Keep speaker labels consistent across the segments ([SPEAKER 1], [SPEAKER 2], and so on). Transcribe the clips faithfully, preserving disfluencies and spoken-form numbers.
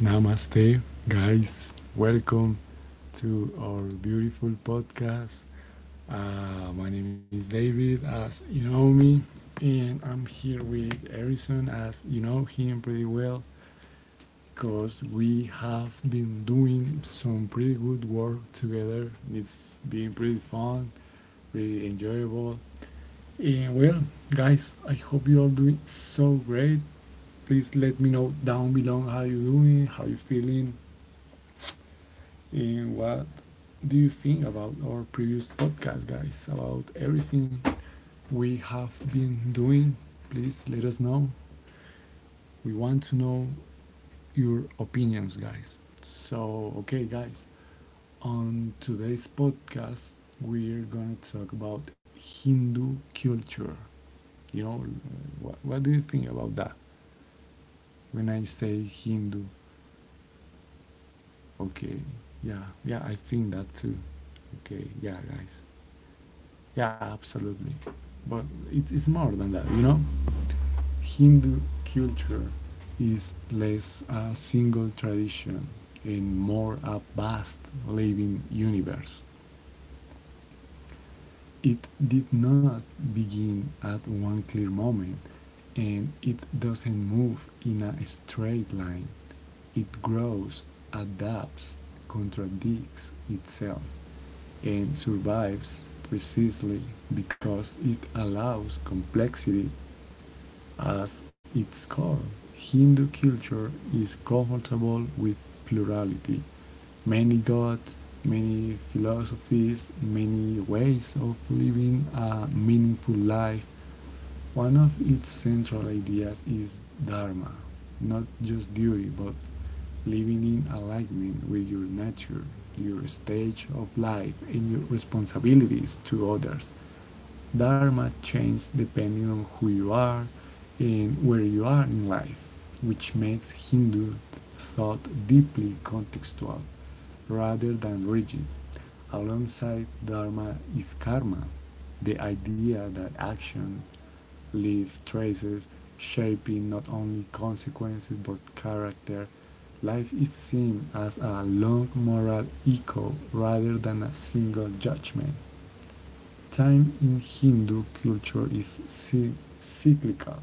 [SPEAKER 1] Namaste, guys. Welcome to our beautiful podcast. Uh, my name is David, as you know me, and I'm here with Harrison, as you know him pretty well, because we have been doing some pretty good work together. It's been pretty fun, pretty enjoyable. And well, guys, I hope you all doing so great. Please let me know down below how you doing, how you feeling, and what do you think about our previous podcast, guys? About everything we have been doing? Please let us know. We want to know your opinions, guys. So, okay, guys, on today's podcast, we're gonna talk about Hindu culture. You know, what, what do you think about that? When I say Hindu, okay, yeah, yeah, I think that too. Okay, yeah, guys. Yeah, absolutely. But it is more than that, you know? Hindu culture is less a single tradition and more a vast living universe. It did not begin at one clear moment and it doesn't move in a straight line. It grows, adapts, contradicts itself, and survives precisely because it allows complexity as its core. Hindu culture is comfortable with plurality, many gods, many philosophies, many ways of living a meaningful life. One of its central ideas is dharma, not just duty but living in alignment with your nature, your stage of life, and your responsibilities to others. Dharma changes depending on who you are and where you are in life, which makes Hindu thought deeply contextual rather than rigid. Alongside Dharma is karma, the idea that action leave traces, shaping not only consequences but character. Life is seen as a long moral echo rather than a single judgment. Time in Hindu culture is cyclical,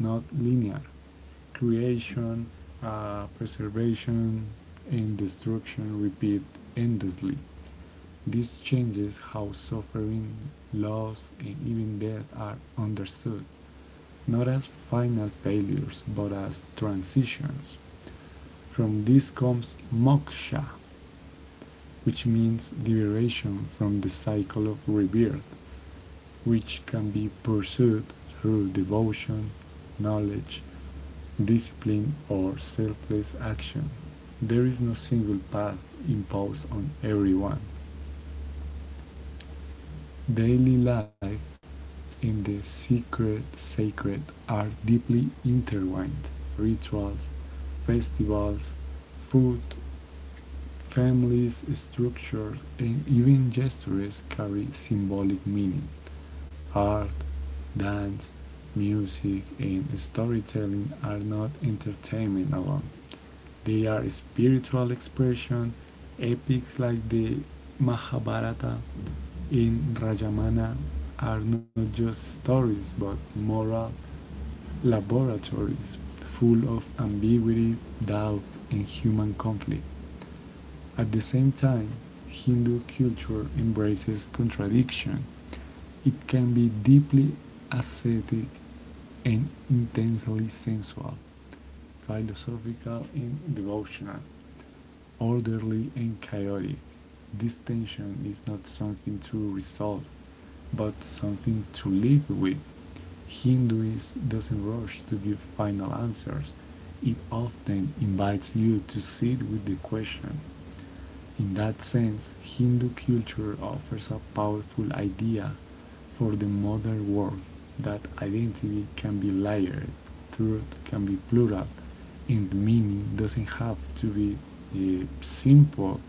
[SPEAKER 1] not linear. Creation, uh, preservation, and destruction repeat endlessly. This changes how suffering, loss, and even death are understood not as final failures but as transitions. From this comes moksha, which means liberation from the cycle of rebirth, which can be pursued through devotion, knowledge, discipline, or selfless action. There is no single path imposed on everyone. Daily life and the secret sacred are deeply intertwined. Rituals, festivals, food, families, structures, and even gestures carry symbolic meaning. Art, dance, music, and storytelling are not entertainment alone. They are spiritual expression. Epics like the Mahabharata and Rajamana are not just stories but moral laboratories full of ambiguity, doubt, and human conflict. At the same time, Hindu culture embraces contradiction. It can be deeply ascetic and intensely sensual, philosophical and devotional, orderly and chaotic. This tension is not something to resolve, but something to live with. Hinduism doesn't rush to give final answers. It often invites you to sit with the question. In that sense, Hindu culture offers a powerful idea for the modern world that identity can be layered, truth can be plural, and the meaning doesn't have to be uh, simple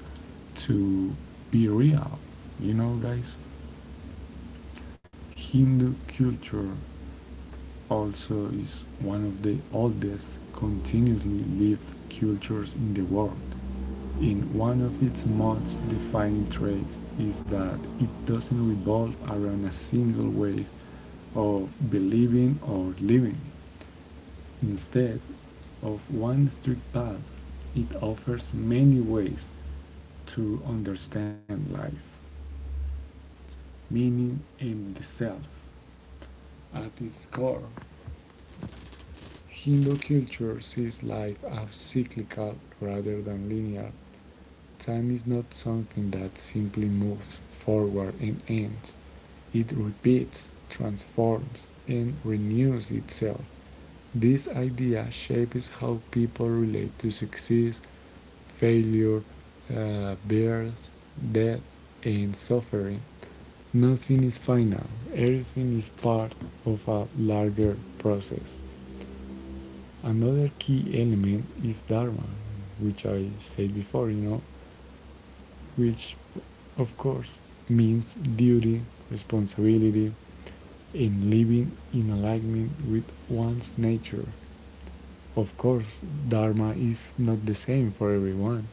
[SPEAKER 1] to be real. You know, guys, Hindu culture also is one of the oldest continuously lived cultures in the world, and one of its most defining traits is that it doesn't revolve around a single way of believing or living. Instead of one strict path, it offers many ways to understand life, meaning, and the self. At its core, Hindu culture sees life as cyclical rather than linear. Time is not something that simply moves forward and ends, it repeats, transforms, and renews itself. This idea shapes how people relate to success, failure, uh, birth, death, and suffering. Nothing is final, everything is part of a larger process. Another key element is Dharma, which I said before, you know, which of course means duty, responsibility, and living in alignment with one's nature. Of course, Dharma is not the same for everyone.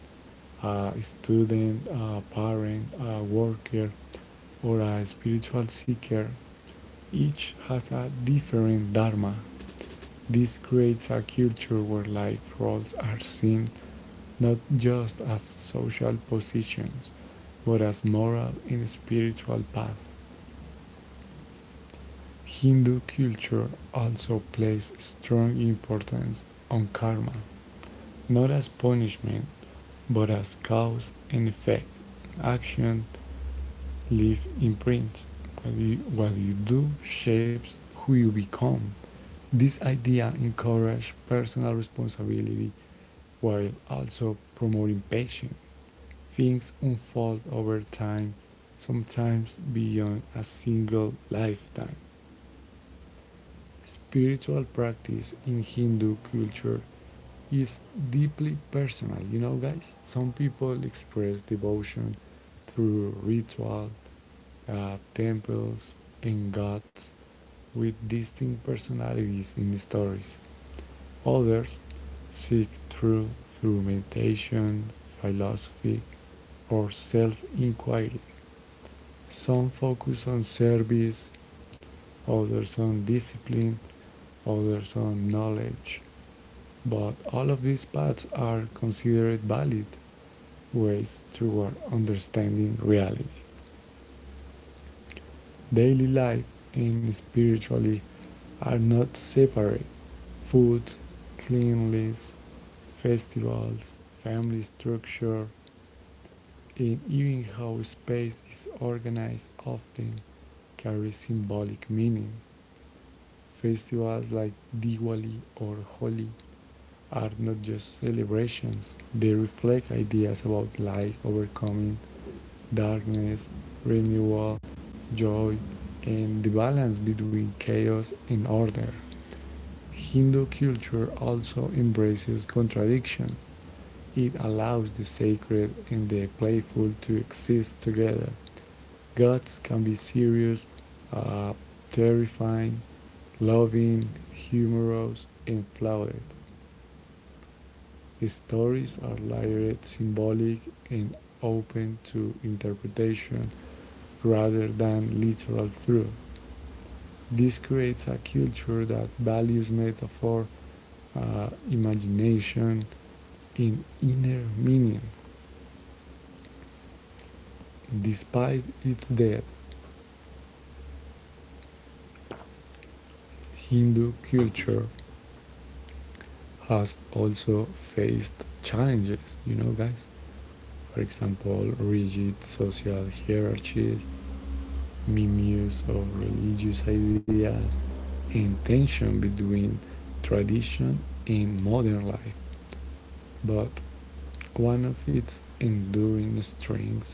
[SPEAKER 1] A student, a parent, a worker, or a spiritual seeker, each has a different Dharma. This creates a culture where life roles are seen not just as social positions, but as moral and spiritual paths. Hindu culture also places strong importance on karma, not as punishment, but as cause and effect. Action leaves imprints. What you, what you do shapes who you become. This idea encourages personal responsibility while also promoting patience. Things unfold over time, sometimes beyond a single lifetime. Spiritual practice in Hindu culture is deeply personal, you know, guys? Some people express devotion through ritual, uh, temples, and gods with distinct personalities in the stories. Others seek truth through meditation, philosophy, or self inquiry. Some focus on service, others on discipline, others on knowledge. But all of these paths are considered valid ways toward understanding reality. Daily life and spirituality are not separate. Food, cleanliness, festivals, family structure, and even how space is organized often carry symbolic meaning. Festivals like Diwali or Holi are not just celebrations, they reflect ideas about light, overcoming darkness, renewal, joy, and the balance between chaos and order. Hindu culture also embraces contradiction. It allows the sacred and the playful to exist together. Gods can be serious, uh, terrifying, loving, humorous, and flawed. His stories are layered, symbolic, and open to interpretation rather than literal truth. This creates a culture that values metaphor, uh, imagination, and inner meaning. Despite its depth, Hindu culture has also faced challenges, you know, guys. For example, rigid social hierarchies, mirrors of religious ideas and tension between tradition and modern life. But one of its enduring strengths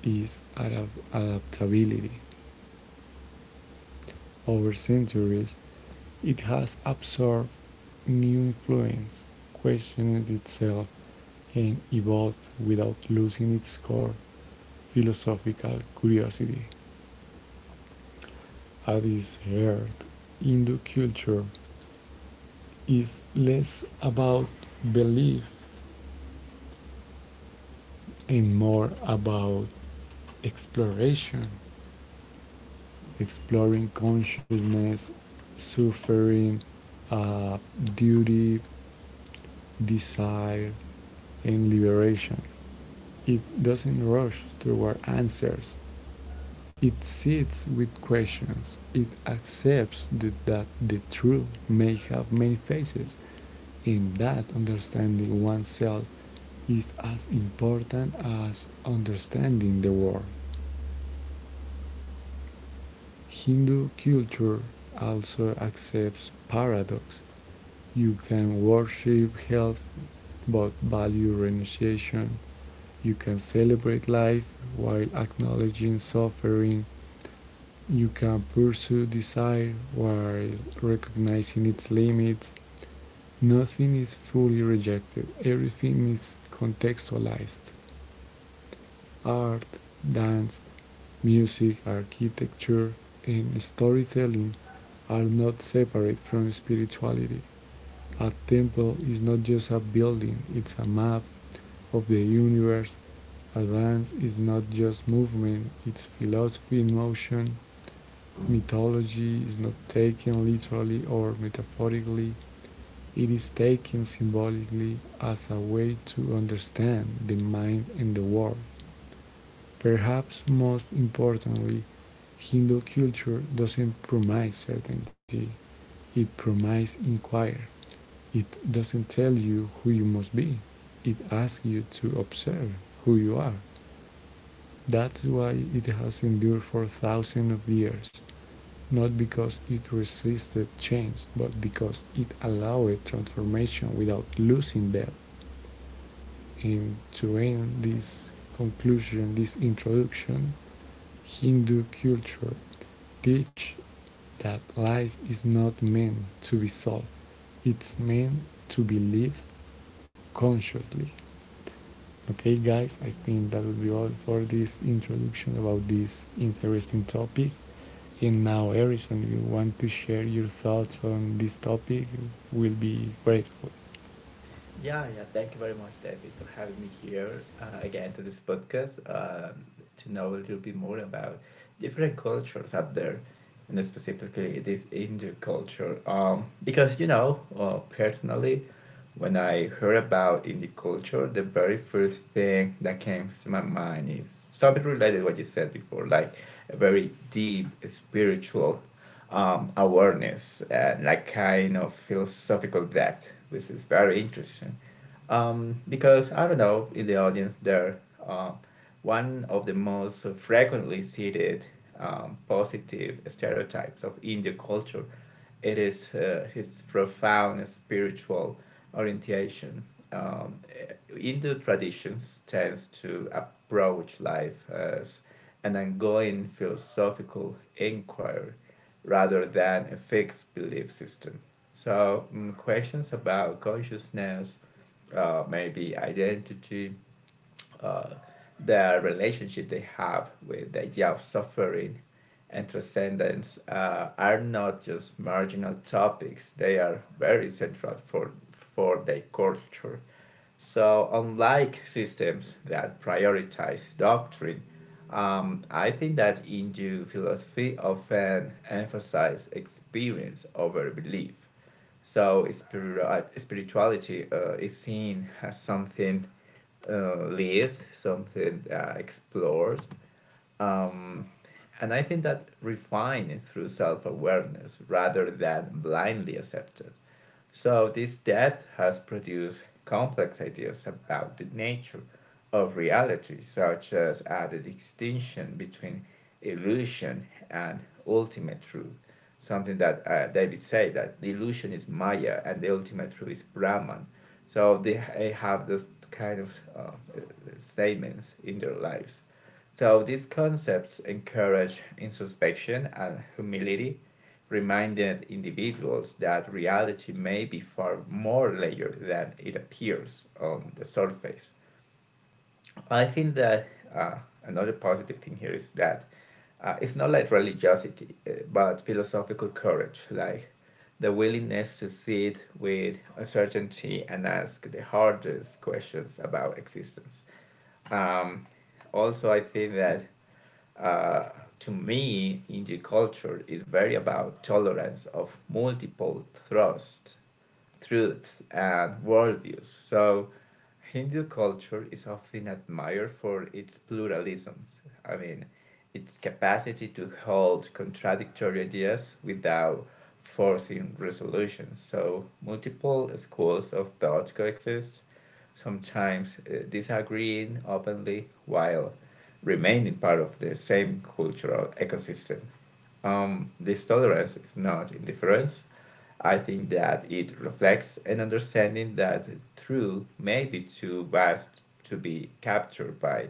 [SPEAKER 1] is adaptability. Over centuries, it has absorbed new influence, questioned itself, and evolved without losing its core philosophical curiosity. At its heart, Hindu culture is less about belief and more about exploration, exploring consciousness, suffering, uh, duty, desire, and liberation. It doesn't rush toward answers. It sits with questions. It accepts that, that the truth may have many faces, and that understanding oneself is as important as understanding the world. Hindu culture also accepts paradox. You can worship health but value renunciation. You can celebrate life while acknowledging suffering. You can pursue desire while recognizing its limits. Nothing is fully rejected, everything is contextualized. Art, dance, music, architecture, and storytelling are not separate from spirituality. A temple is not just a building, it's a map of the universe. A dance is not just movement, it's philosophy in motion. Mythology is not taken literally or metaphorically, it is taken symbolically as a way to understand the mind and the world. Perhaps most importantly, Hindu culture doesn't promise certainty, it promises inquiry. It doesn't tell you who you must be, it asks you to observe who you are. That's why it has endured for thousands of years, not because it resisted change, but because it allowed transformation without losing depth. And to end this conclusion, this introduction, Hindu culture teach that life is not meant to be solved, it's meant to be lived consciously. Okay, guys, I think that will be all for this introduction about this interesting topic. And now, Harrison, if you want to share your thoughts on this topic, we'll be grateful.
[SPEAKER 2] Yeah, yeah. Thank you very much, David, for having me here uh, again to this podcast um, to know a little bit more about different cultures out there, and specifically this Hindu culture. Um, because you know, uh, personally, when I heard about Indian culture, the very first thing that came to my mind is something related to what you said before, like a very deep spiritual um, awareness and like kind of philosophical depth, which is very interesting um, because I don't know in the audience there, uh, one of the most frequently cited um, positive stereotypes of Indian culture it is uh, his profound spiritual orientation. Um, Hindu traditions tends to approach life as an ongoing philosophical inquiry rather than a fixed belief system. So mm, questions about consciousness, uh, maybe identity, uh, their relationship they have with the idea of suffering and transcendence uh, are not just marginal topics. They are very central for, for their culture. So, unlike systems that prioritize doctrine, um, I think that Hindu philosophy often emphasizes experience over belief. So, spiri- spirituality uh, is seen as something uh, lived, something uh, explored, um, and I think that refined through self awareness rather than blindly accepted. So, this depth has produced complex ideas about the nature of reality, such as uh, the distinction between illusion and ultimate truth. Something that uh, David said that the illusion is Maya and the ultimate truth is Brahman. So, they ha- have those kind of uh, statements in their lives. So these concepts encourage introspection and humility, reminding individuals that reality may be far more layered than it appears on the surface. Well, I think that uh, another positive thing here is that uh, it's not like religiosity, uh, but philosophical courage, like the willingness to sit with uncertainty and ask the hardest questions about existence. Um, Also, I think that uh, to me, Indian culture is very about tolerance of multiple thrust truths, and worldviews. So, Hindu culture is often admired for its pluralism. I mean, its capacity to hold contradictory ideas without forcing resolution. So, multiple schools of thought coexist, sometimes uh, disagreeing openly while remaining part of the same cultural ecosystem. Um, this tolerance is not indifference. I think that it reflects an understanding that truth may be too vast to be captured by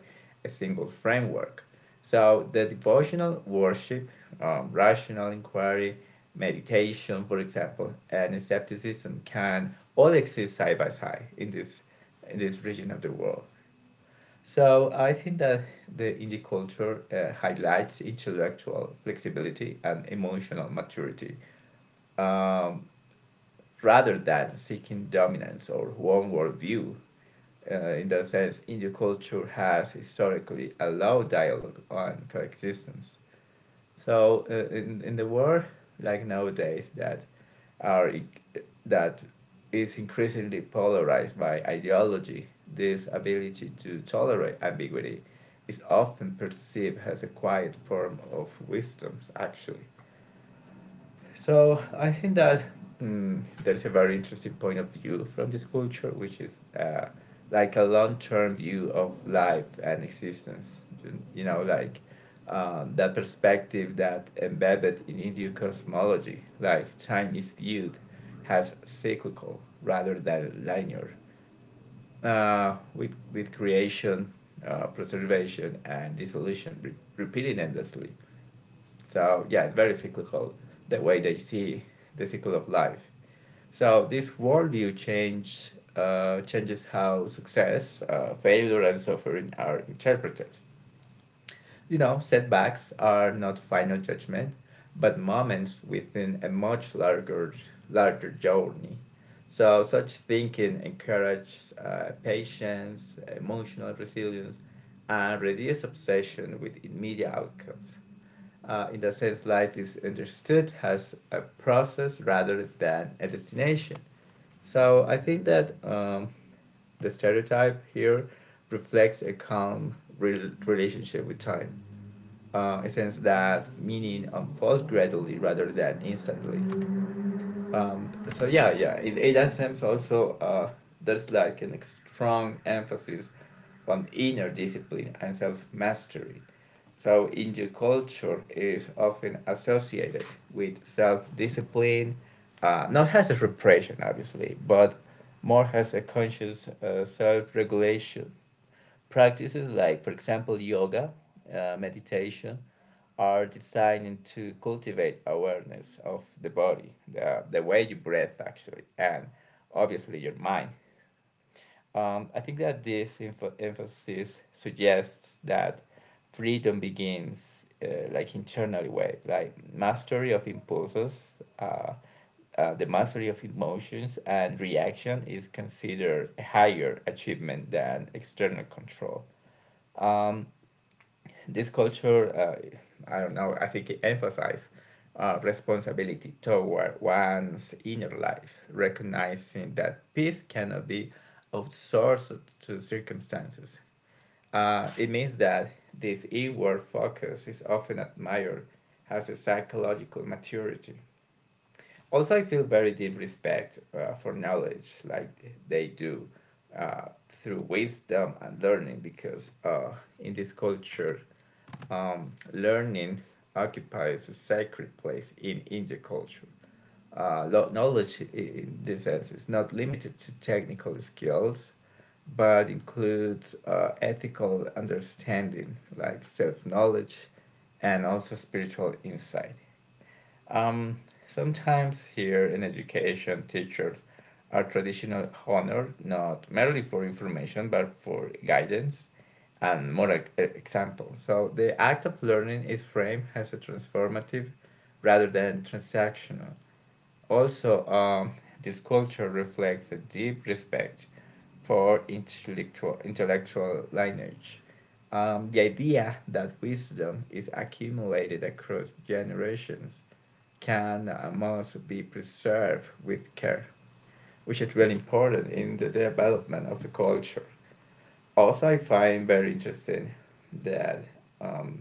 [SPEAKER 2] a single framework. So the devotional worship, um, rational inquiry, meditation, for example, and skepticism can all exist side by side in this in this region of the world. So I think that the indie culture uh, highlights intellectual flexibility and emotional maturity, um, rather than seeking dominance or one worldview. Uh, in that sense, indie culture has historically allowed dialogue on coexistence. So uh, in, in the world, like nowadays, that are that is increasingly polarized by ideology. This ability to tolerate ambiguity is often perceived as a quiet form of wisdom, actually. So I think that mm, there's a very interesting point of view from this culture, which is uh, like a long term view of life and existence. You, you know, like um, that perspective that embedded in Indian cosmology, like time is viewed as cyclical rather than linear. Uh, with with creation, uh, preservation, and dissolution re- repeating endlessly. So yeah, it's very cyclical the way they see the cycle of life. So this worldview change uh, changes how success, uh, failure, and suffering are interpreted. You know, setbacks are not final judgment, but moments within a much larger larger journey. So such thinking encourages uh, patience, emotional resilience, and reduce obsession with immediate outcomes. Uh, in the sense, life is understood as a process rather than a destination. So I think that um, the stereotype here reflects a calm rel relationship with time. Uh, a sense that meaning unfolds gradually rather than instantly. Um, so yeah, yeah. In Ada Sims also, uh, there's like a strong emphasis on inner discipline and self mastery. So, Indian culture is often associated with self discipline, uh, not as a repression, obviously, but more as a conscious uh, self regulation. Practices like, for example, yoga, uh, meditation, are designed to cultivate awareness of the body, the, the way you breathe, actually, and obviously your mind. Um, I think that this info- emphasis suggests that freedom begins uh, like internally way, like mastery of impulses, uh, uh, the mastery of emotions and reaction is considered a higher achievement than external control. This culture, uh, I don't know, I think it emphasizes uh, responsibility toward one's inner life, recognizing that peace cannot be outsourced to circumstances. Uh, it means that this inward focus is often admired as a psychological maturity. Also, I feel very deep respect uh, for knowledge, like they do uh, through wisdom and learning, because uh, in this culture, um, learning occupies a sacred place in Indian culture. Uh, Knowledge, in this sense, is not limited to technical skills, but includes uh, ethical understanding like self knowledge and also spiritual insight. Um, Sometimes here in education, teachers are traditional honored not merely for information but for guidance and moral e- example. So the act of learning is framed as a transformative rather than transactional. Also, um, this culture reflects a deep respect for intellectual intellectual lineage. Um, the idea that wisdom is accumulated across generations can and must be preserved with care, which is really important in the development of a culture. Also, I find very interesting that um,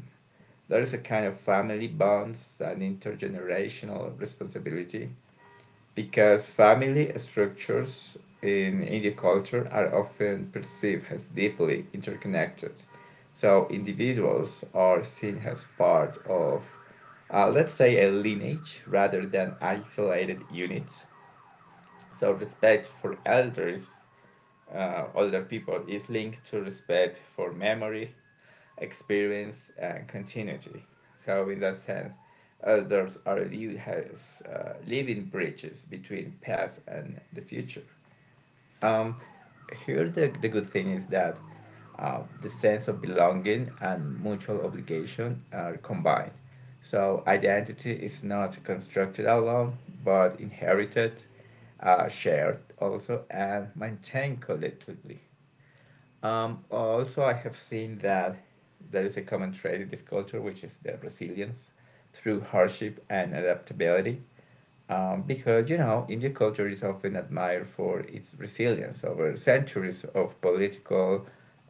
[SPEAKER 2] there is a kind of family bonds and intergenerational responsibility because family structures in Indian culture are often perceived as deeply interconnected. So individuals are seen as part of, uh, let's say, a lineage rather than isolated units. So respect for elders, uh, older people, is linked to respect for memory, experience and continuity. So in that sense, elders are viewed as uh, living bridges between past and the future. Um, Here the, the good thing is that uh, the sense of belonging and mutual obligation are combined. So identity is not constructed alone, but inherited, uh, shared also, and maintained collectively. Um, also, I have seen that there is a common trait in this culture, which is the resilience through hardship and adaptability. Um, because, you know, Indian culture is often admired for its resilience over centuries of political,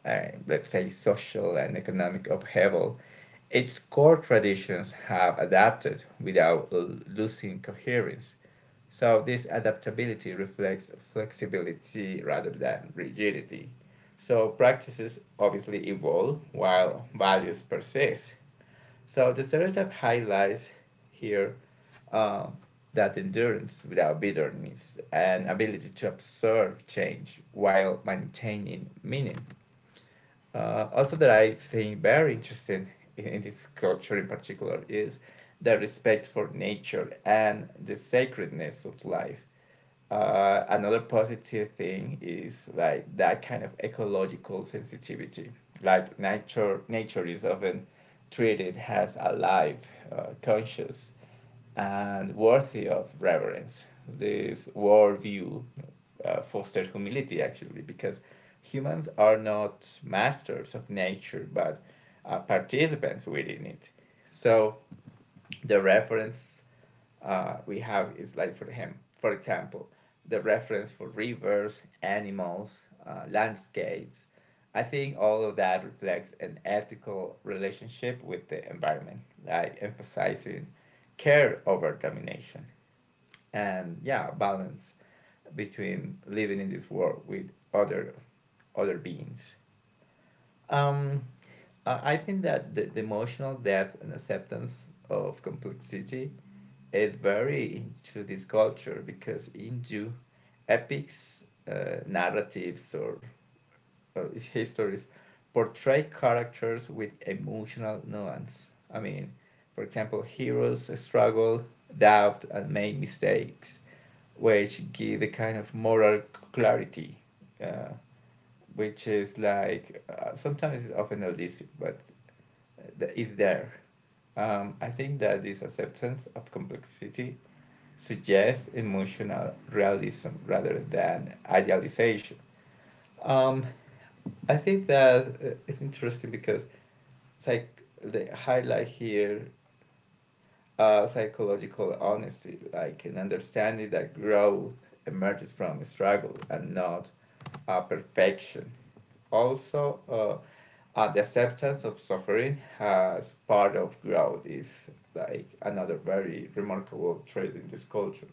[SPEAKER 2] uh, let's say, social and economic upheaval. Its core traditions have adapted without l- losing coherence. So this adaptability reflects flexibility rather than rigidity. So practices obviously evolve while values persist. So the stereotype highlights here uh, that endurance without bitterness and ability to observe change while maintaining meaning. Uh, also, that I think very interesting in, in this culture in particular is the respect for nature and the sacredness of life uh, another positive thing is like that kind of ecological sensitivity. Like nature, nature is often treated as alive, uh, conscious, and worthy of reverence. This worldview uh, fosters humility actually, because humans are not masters of nature, but uh, participants within it. So the reference uh, we have is like for him, for example, the reference for rivers, animals, uh, landscapes. I think all of that reflects an ethical relationship with the environment, like emphasizing care over domination and yeah, balance between living in this world with other other beings. Um, I I think that the, the emotional depth and acceptance of complexity it very into this culture because into epics, uh, narratives, or uh, histories portray characters with emotional nuance. I mean, for example, heroes struggle, doubt, and make mistakes, which give a kind of moral clarity, uh, which is like uh, sometimes it's often elusive, but th- it's there. Um, I think that this acceptance of complexity suggests emotional realism rather than idealization. Um, I think that uh, it's interesting because psych they highlight here uh, psychological honesty, like an understanding that growth emerges from struggle and not uh, perfection. Also, uh, uh, the acceptance of suffering as part of growth is like another very remarkable trait in this culture.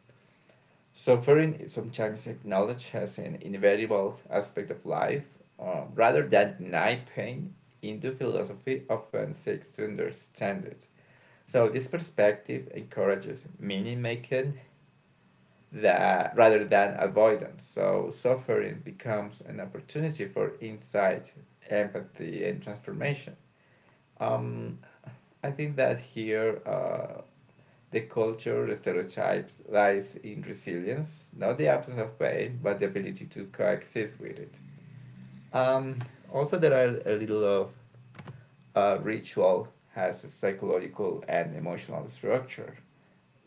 [SPEAKER 2] Suffering foreign sometimes acknowledge as an inevitable aspect of life, uh, rather than deny pain, Hindu philosophy often seeks to understand it. So, this perspective encourages meaning making that rather than avoidance. So, suffering becomes an opportunity for insight, empathy, and transformation. Um, I think that here uh, the culture stereotypes lies in resilience, not the absence of pain, but the ability to coexist with it. Um, Also, there are a little of uh, ritual has a psychological and emotional structure.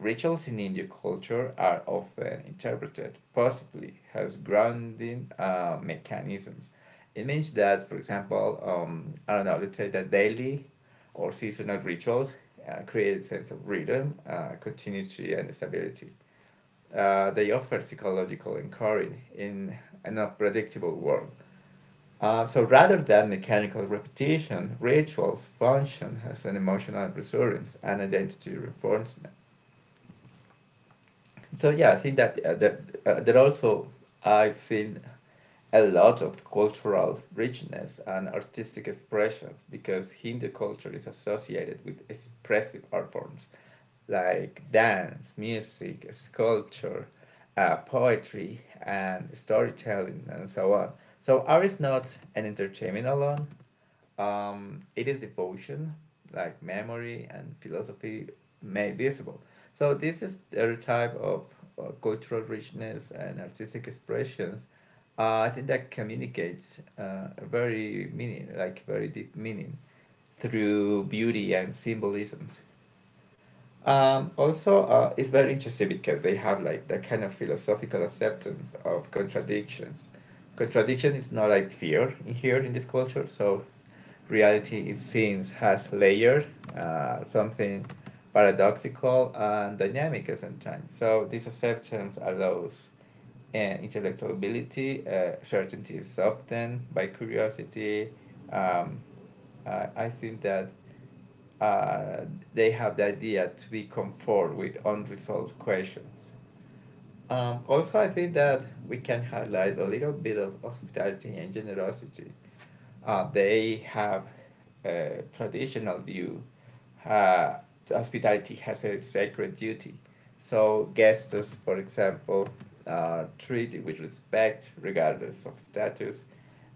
[SPEAKER 2] Rituals in Indian culture are often interpreted positively as grounding uh, mechanisms. It means that, for example, um, I don't know, let's say that daily or seasonal rituals uh, create a sense of rhythm, uh, continuity, and stability. Uh, they offer psychological inquiry in an unpredictable world. Uh, so rather than mechanical repetition, rituals function as an emotional resurgence and identity reinforcement. So yeah, I think that uh, that, uh, that also I've seen a lot of cultural richness and artistic expressions because Hindu culture is associated with expressive art forms like dance, music, sculpture, uh, poetry, and storytelling, and so on. So art is not an entertainment alone. Um, it is devotion, like memory and philosophy made visible. So this is the type of uh, cultural richness and artistic expressions. Uh, I think that communicates uh, a very meaning, like very deep meaning, through beauty and symbolisms. Um, also, uh, it's very interesting because they have like that kind of philosophical acceptance of contradictions. Contradiction is not like fear in here in this culture. So reality, it seems, has layer, uh, something paradoxical and dynamic at some time. So this acceptance allows uh, intellectual ability, uh, certainty is softened by curiosity. Um, I I think that uh, they have the idea to be comfort with unresolved questions. Um, also, I think that we can highlight a little bit of hospitality and generosity. Uh, they have a traditional view. Uh, Hospitality has a sacred duty. So guests, for example, are treated with respect regardless of status.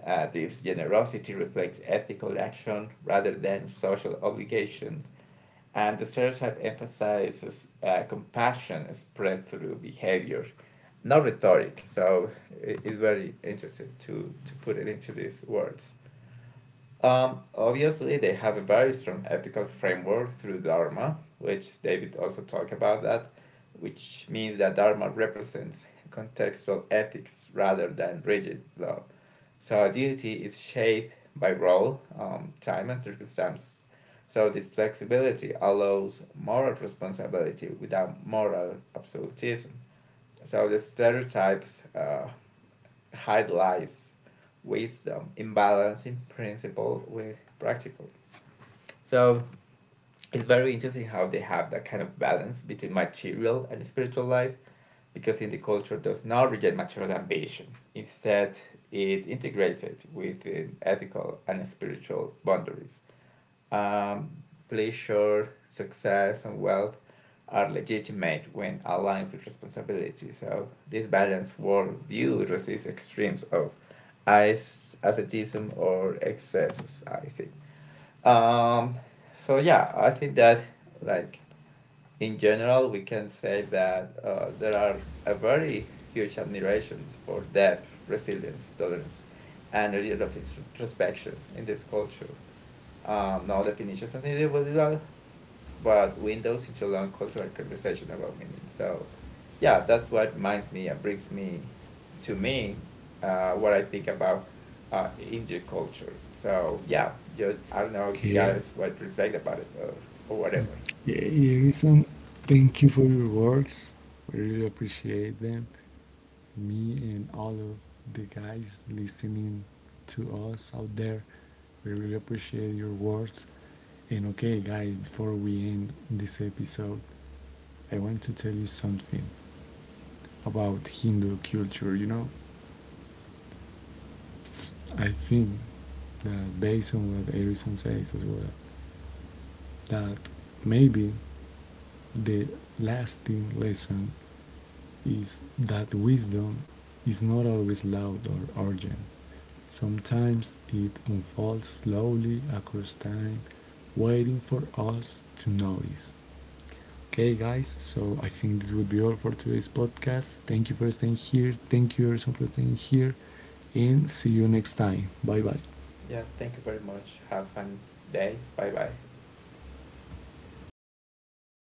[SPEAKER 2] Uh, this generosity reflects ethical action rather than social obligations. And the stereotype emphasizes uh, compassion spread through behavior, not rhetoric. So it, it's very interesting to, to put it into these words. Um, Obviously, they have a very strong ethical framework through Dharma, which David also talked about that, which means that Dharma represents contextual ethics rather than rigid law. So our duty is shaped by role, um, time, and circumstance. So this flexibility allows moral responsibility without moral absolutism. So the stereotypes uh, highlights wisdom in balancing principle with practical. So it's very interesting how they have that kind of balance between material and spiritual life because indie culture does not reject material ambition. Instead, it integrates it within ethical and spiritual boundaries. Um, Pleasure, success, and wealth are legitimate when aligned with responsibility. So, this balanced worldview resists extremes of as- asceticism or excesses, I think. Um, so, yeah, I think that like in general, we can say that uh, there are a very huge admiration for depth, resilience, tolerance, and a little of introspection in this culture. Um, no definitions on individual, but windows into long cultural conversation about meaning. So, yeah, that's what reminds me and brings me to me uh, what I think about uh, Indian culture. So, yeah, just, I don't know, you
[SPEAKER 1] Okay,
[SPEAKER 2] guys what reflect about it or, or whatever.
[SPEAKER 1] yeah, Edison, thank you for your words. I really appreciate them. Me and all of the guys listening to us out there, we really appreciate your words. And okay, guys, before we end this episode, I want to tell you something about Hindu culture. You know, I think that based on what Edison says as well, that maybe the lasting lesson is that wisdom is not always loud or urgent. Sometimes it unfolds slowly across time, waiting for us to notice. Okay, guys, so I think this would be all for today's podcast. Thank you for staying here. Thank you, Erson, for staying here. And see you next time. Bye bye.
[SPEAKER 2] Yeah, thank you very much. Have a fun day. Bye bye.